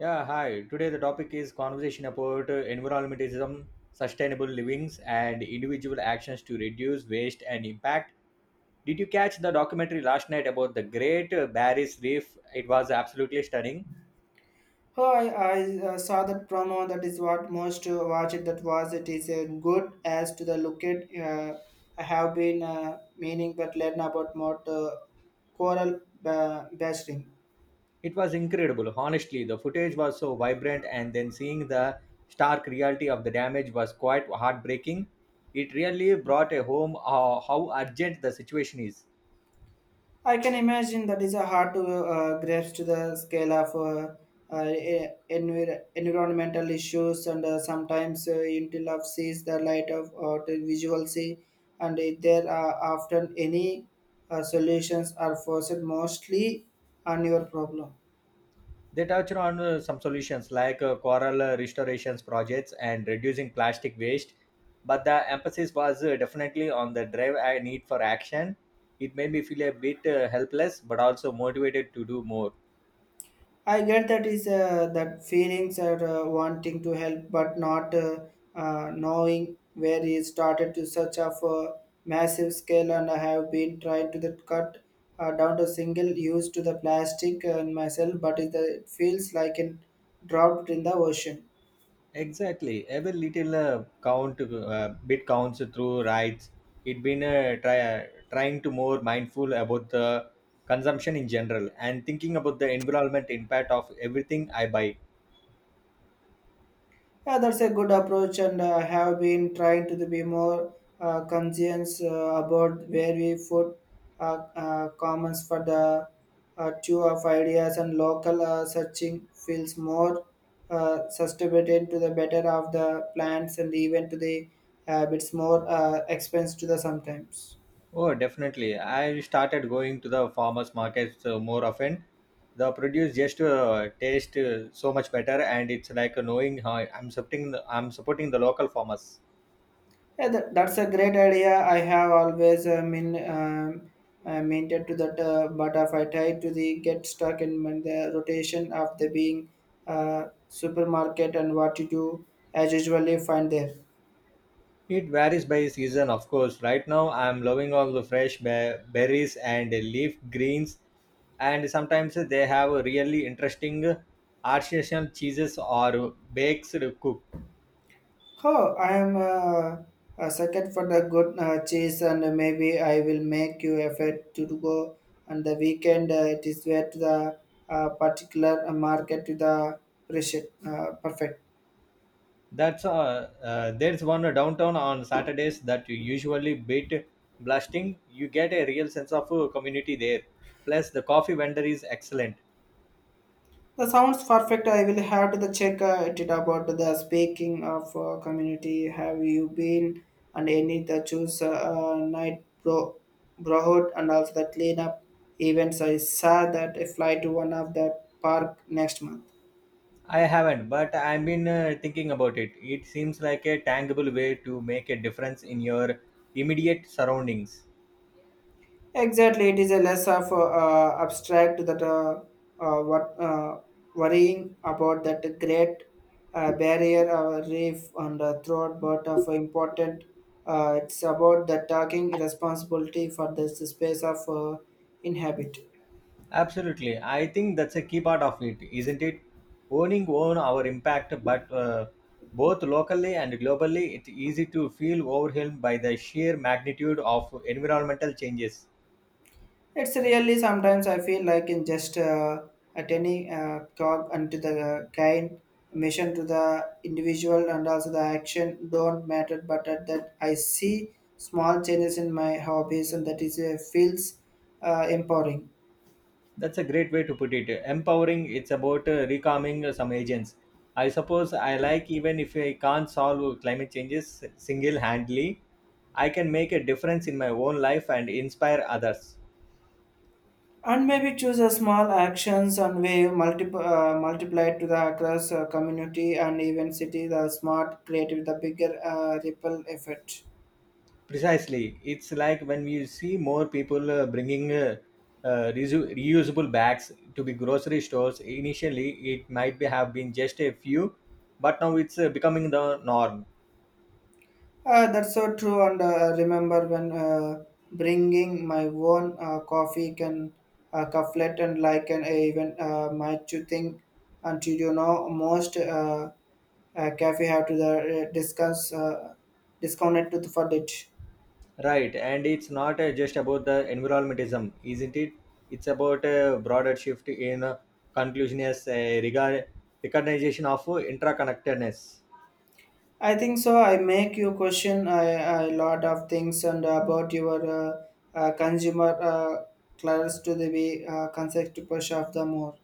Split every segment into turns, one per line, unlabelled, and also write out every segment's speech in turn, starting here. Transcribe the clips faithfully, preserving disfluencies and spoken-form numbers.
Yeah, hi. Today the topic is conversation about uh, environmentalism, sustainable livings, and individual actions to reduce waste and impact. Did you catch the documentary last night about the Great uh, Barrier Reef? It was absolutely stunning.
Oh, I, I uh, saw that promo. That is what most uh, watch it. That was it is uh, good as to the look it. Uh, I have been uh, meaning but learn about more uh, coral uh, bashing.
It was incredible. Honestly, the footage was so vibrant, and then seeing the stark reality of the damage was quite heartbreaking. It really brought a home uh, how urgent the situation is.
I can imagine that is a hard to uh, grasp to the scale of uh, uh, e- envir- environmental issues, and uh, sometimes uh, until of sees the light of or the visual see, and if there are often any uh, solutions are forced mostly on your problem.
They touch on uh, some solutions like uh, coral uh, restorations projects and reducing plastic waste, but the emphasis was uh, definitely on the drive and need for action. It made me feel a bit uh, helpless, but also motivated to do more.
I get that is uh, that feelings are uh, wanting to help but not uh, uh, knowing where he started to such of a massive scale, and I have been trying to the cut uh, down to single use to the plastic and myself but it, uh, it feels like it dropped in the ocean.
Exactly, every little uh, count, uh, bit counts through rights. It been uh, try, trying to more mindful about the consumption in general and thinking about the environment impact of everything I buy.
Yeah, that's a good approach, and uh, have been trying to be more uh, conscious uh, about where we put uh, uh, comments for the uh, two of ideas and local uh, searching feels more uh, sustained to the better of the plants and even to the uh, bits more uh, expense to the sometimes.
Oh, definitely. I started going to the farmers markets uh, more often. The produce just uh, taste uh, so much better, and it's like knowing how I'm supporting the, I'm supporting the local farmers.
Yeah, that, that's a great idea. I have always uh, mean um, uh, maintained to that, uh, but if I try to the get stuck in my- the rotation of the being uh, supermarket and what you do, as usually find there.
It varies by season, of course. Right now, I'm loving all the fresh be- berries and leaf greens, and sometimes they have really interesting artisanal cheeses or bakes cooked.
Oh, I am uh, a second for the good uh, cheese, and maybe I will make you effort to go on the weekend. Uh, it is where to the uh, particular market to the precious uh, perfect.
That's uh, uh, there's one downtown on Saturdays that you usually beat blasting. You get a real sense of uh, community there. Plus, the coffee vendor is excellent.
The sounds perfect. I will have to the check uh, it about the speaking of uh, community. Have you been and any the choose uh, uh, night bro brotherhood and also the cleanup events? I saw that I fly to one of the park next month.
I haven't, but I've been uh, thinking about it. It seems like a tangible way to make a difference in your immediate surroundings.
Exactly, it is a less of uh, abstract that uh, uh, what uh, worrying about that great uh, barrier or reef on the throat, but of important. Uh, it's about the taking responsibility for this space of uh, inhabit.
Absolutely. I think that's a key part of it, isn't it? Owning own our impact, but uh, both locally and globally, it's easy to feel overwhelmed by the sheer magnitude of environmental changes.
It's really sometimes I feel like in just uh, attending uh, cog unto the kind mission to the individual and also the action don't matter. But at that I see small changes in my hobbies and that is uh, feels uh, empowering.
That's a great way to put it. Empowering, it's about uh, recalming some agents. I suppose I like even if I can't solve climate changes single handedly, I can make a difference in my own life and inspire others.
And maybe choose a small actions and way multiple uh, multiplied to the across uh, community and even city the smart creative the bigger uh, ripple effect.
Precisely. It's like when we see more people uh, bringing uh, uh, reu- reusable bags to the grocery stores. Initially, it might be, have been just a few, but now it's uh, becoming the norm.
Uh, that's so true. And uh, remember when uh, bringing my own uh, coffee can uh, cufflet and like an even uh, might you think until you know most uh, uh, cafe have to the uh, discuss uh, discounted to the for it.
Right. And it's not uh, just about the environmentalism, isn't it? It's about a broader shift in uh, conclusion as regard recognition of uh, interconnectedness.
I think so. I make you question a, a lot of things and about your uh, uh, consumer uh, clients to the be uh, concept push of the more.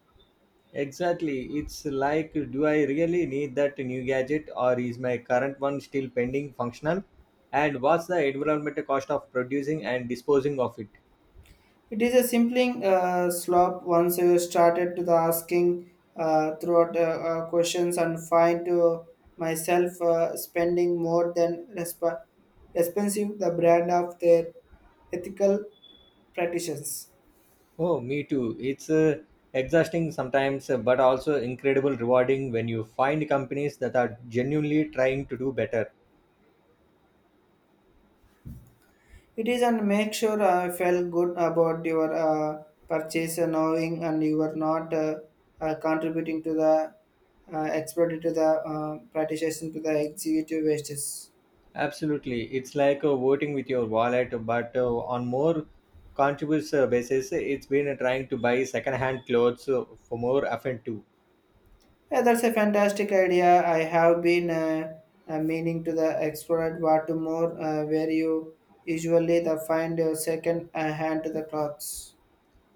Exactly. It's like, do I really need that new gadget or is my current one still pending functional? And what's the environmental cost of producing and disposing of it?
It is a simpling uh, slope once you started to the asking uh, throughout uh, uh, questions and find to myself uh, spending more than resp- expensive the brand of their ethical practitioners.
Oh, me too. It's uh, exhausting sometimes, uh, but also incredible rewarding when you find companies that are genuinely trying to do better.
It is and make sure I felt good about your uh, purchase and knowing and you are not uh, uh, contributing to the uh, expert to the uh, practitioner to the executive wastes.
Absolutely. It's like uh, voting with your wallet, but uh, on more conscious uh, basis, it's been uh, trying to buy second-hand clothes uh, for more often too.
Yeah, that's a fantastic idea. I have been uh, uh, meaning to the explore what to more uh, where you usually the find your second uh, hand to the clothes.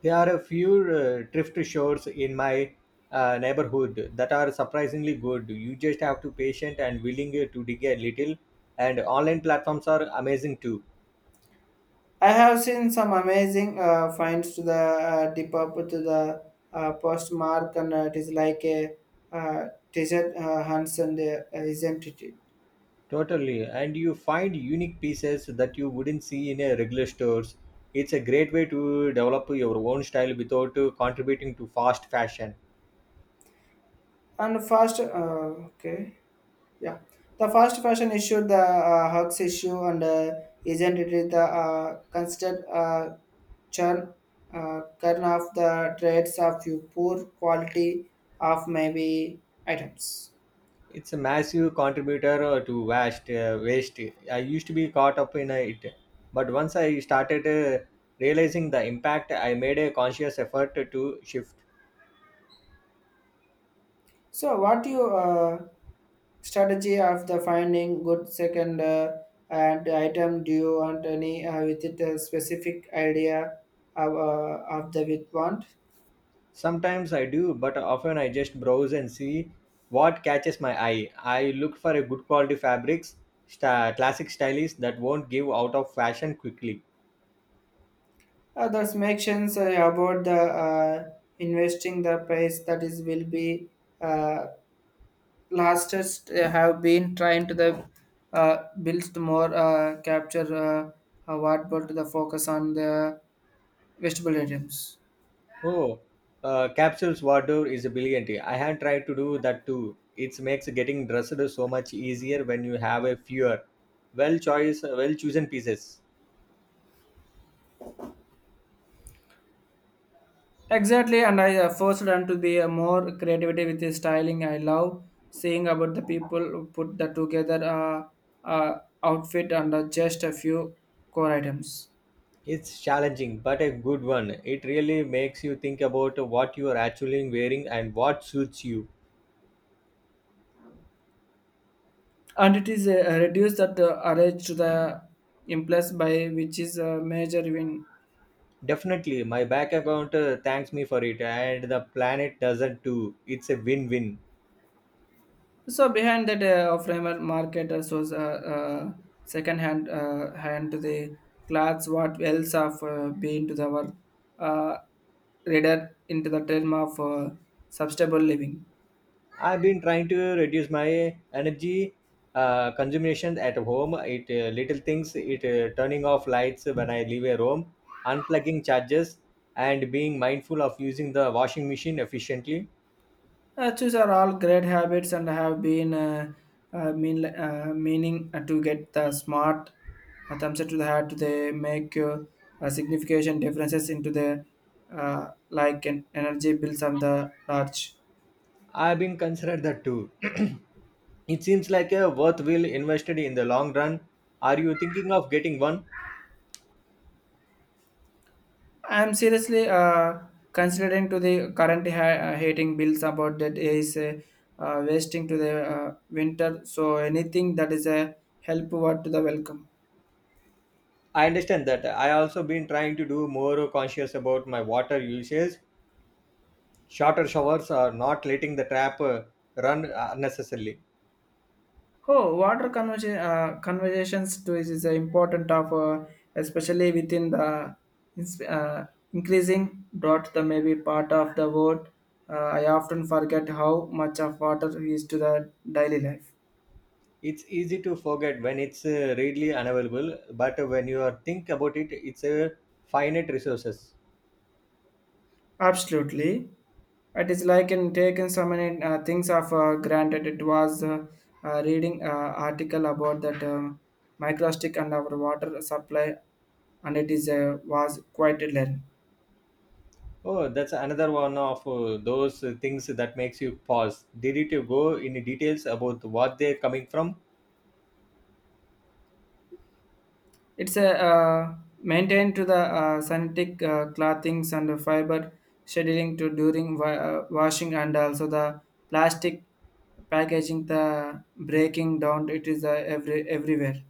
There are a few uh, thrift stores in my uh, neighborhood that are surprisingly good. You just have to patient and willing uh, to dig a little. And online platforms are amazing too.
I have seen some amazing uh, finds to the uh, tip up to the uh, postmark and uh, it is like a uh, desert uh, hunts and uh, isn't it?
Totally. And you find unique pieces that you wouldn't see in a regular stores. It's a great way to develop your own style without uh, contributing to fast fashion.
And fast, uh, okay. Yeah, the fast fashion issue, the uh, hugs issue, and uh, isn't it the uh, constant uh, churn uh, churn of the trades of you poor quality of maybe items.
It's a massive contributor uh, to waste. Uh, waste. I used to be caught up in uh, it, but once I started uh, realizing the impact, I made a conscious effort to shift.
So, what you uh, strategy of the finding good second uh, and item? Do you want any uh, with it a specific idea of, uh, of the with want?
Sometimes I do, but often I just browse and see what catches my eye. I look for a good quality fabrics, sta classic stylish that won't give out of fashion quickly.
Uh, thus mentions uh, about the uh, investing the price that is will be uh, lastest uh, have been trying to the uh, build more uh, capture uh, uh, what about the focus on the vegetable items.
Oh, uh, capsules wardrobe is a brilliant. I have tried to do that too. It makes getting dressed so much easier when you have a fewer, well choice, well chosen pieces.
Exactly, and I uh, forced them to be uh, more creativity with the styling. I love seeing about the people who put the together uh, uh, outfit and uh, just a few core items.
It's challenging, but a good one. It really makes you think about what you are actually wearing and what suits you.
And it is uh, reduced that uh, arrange to the implies by which is a major win.
Definitely, my back account uh, thanks me for it, and the planet doesn't too. It's a win-win.
So behind that uh, framer market uh, was uh, uh, second hand uh, hand to the clothes, what else have uh, been to the our uh, reader into the term of uh, sustainable living.
I've been trying to reduce my energy uh, consumption at home. It uh, little things, it uh, turning off lights when I leave a room, unplugging chargers, and being mindful of using the washing machine efficiently.
Uh, these are all great habits and have been uh, uh, mean, uh, meaning uh, to get the smart uh, thumbs up to the head to the make uh, uh, significant differences into the uh, like an energy bills and the large.
I've been considered that too. It seems like a worthwhile invested in the long run. Are you thinking of getting one?
I am seriously uh, considering to the current ha- uh, heating bills about that is uh, uh, wasting to the uh, winter. So anything that is a help what to the welcome.
I understand that. I also been trying to do more conscious about my water usage. Shorter showers are not letting the trap uh, run unnecessarily.
Oh, water conversa- uh, conversations too is, is a important of uh, especially within the ins- uh, increasing drought. The maybe part of the world. Uh, I often forget how much of water is to the daily life.
It's easy to forget when it's uh, readily unavailable, but when you are think about it it's a finite resources.
Absolutely, it is like in taking so many uh, things of uh, granted. It was uh, uh, reading uh, article about that uh, microplastic and our water supply, and it is uh, was quite learn.
Oh, that's another one of uh, those uh, things that makes you pause. Did it go in details about what they're coming from?
It's a uh, maintained to the uh, synthetic uh, clothings and fiber scheduling to during wa- uh, washing and also the plastic packaging the breaking down it is uh, every everywhere.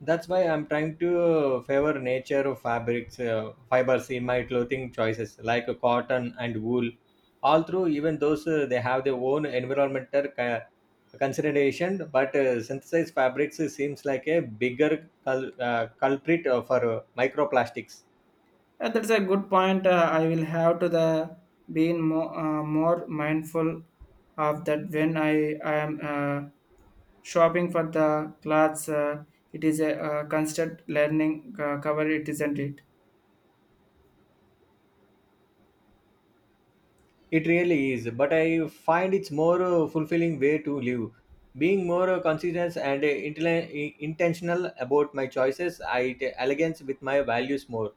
That's why I'm trying to favor nature of fabrics, uh, fibers in my clothing choices, like uh, cotton and wool. All through, even those uh, they have their own environmental ca- consideration, but uh, synthesized fabrics seems like a bigger cul- uh, culprit uh, for uh, microplastics.
Uh, that's a good point uh, I will have to the being more uh, more mindful of that when i i am uh, shopping for the clothes uh, it is a uh, constant learning uh, cover it, isn't it?
It really is, but I find it's more uh, fulfilling way to live. Being more uh, conscious and uh, intel- intentional about my choices, I t- elegance with my values more.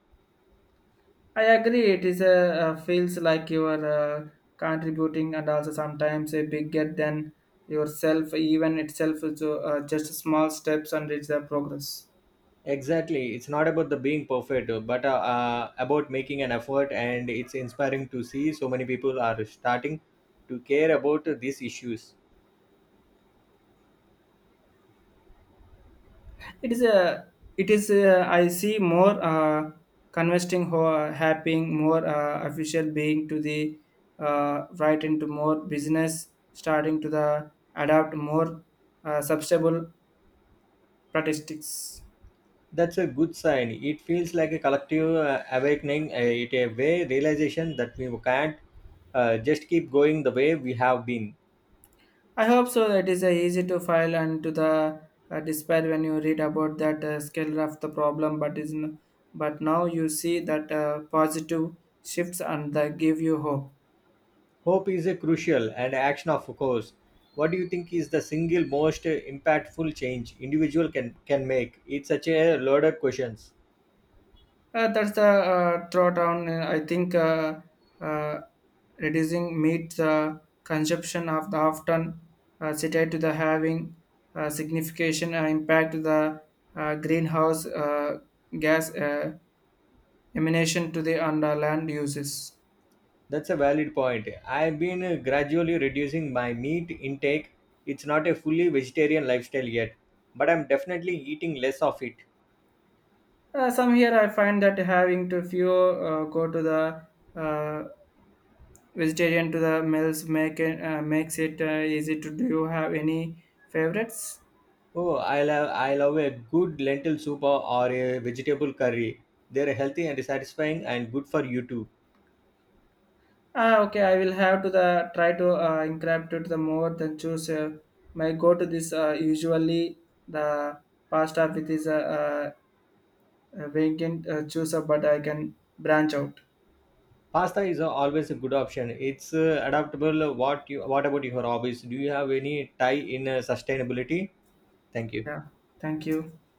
I agree. It is a, uh feels like you are uh, contributing and also sometimes a bigger than yourself. Even itself is uh, just small steps and it's a progress.
Exactly. It's not about the being perfect, uh, but uh, uh, about making an effort. And it's inspiring to see so many people are starting to care about uh, these issues.
It is a. It is. A, I see more uh, conversing, ho- happening more uh, official being to the uh, right into more business starting to the adapt more uh, substable statistics.
That's a good sign. It feels like a collective uh, awakening, uh, it a way realization that we can't uh, just keep going the way we have been.
I hope so. That is uh, easy to file and to the uh, despair when you read about that uh, scale of the problem, but is n- but now you see that uh, positive shifts and they give you hope.
Hope is a crucial and action, of course. What do you think is the single most uh, impactful change individual can can make? It's such a loaded question.
Uh, that's the uh, throwdown. uh, I think uh, uh, reducing meat uh, consumption of the often uh, cited to the having uh, significant uh, impact to the uh, greenhouse uh, gas uh, emanation to the underland uses.
That's a valid point. I've been uh, gradually reducing my meat intake. It's not a fully vegetarian lifestyle yet, but I'm definitely eating less of it.
Uh, some here I find that having to few uh, go to the uh, vegetarian to the meals make it, uh, makes it uh, easy to do you have any favorites?
Oh, I love I love a good lentil soup or or a vegetable curry. They're healthy and satisfying and good for you too.
Ah, okay, I will have to the try to uh, incorporate to the more than choose uh, my go to this uh, usually the pasta with this uh, uh, vegan uh, chooser, but I can branch out.
Pasta is uh, always a good option. It's uh, adaptable. What you what about your hobbies? Do you have any tie in uh, sustainability? Thank you.
Yeah, thank you.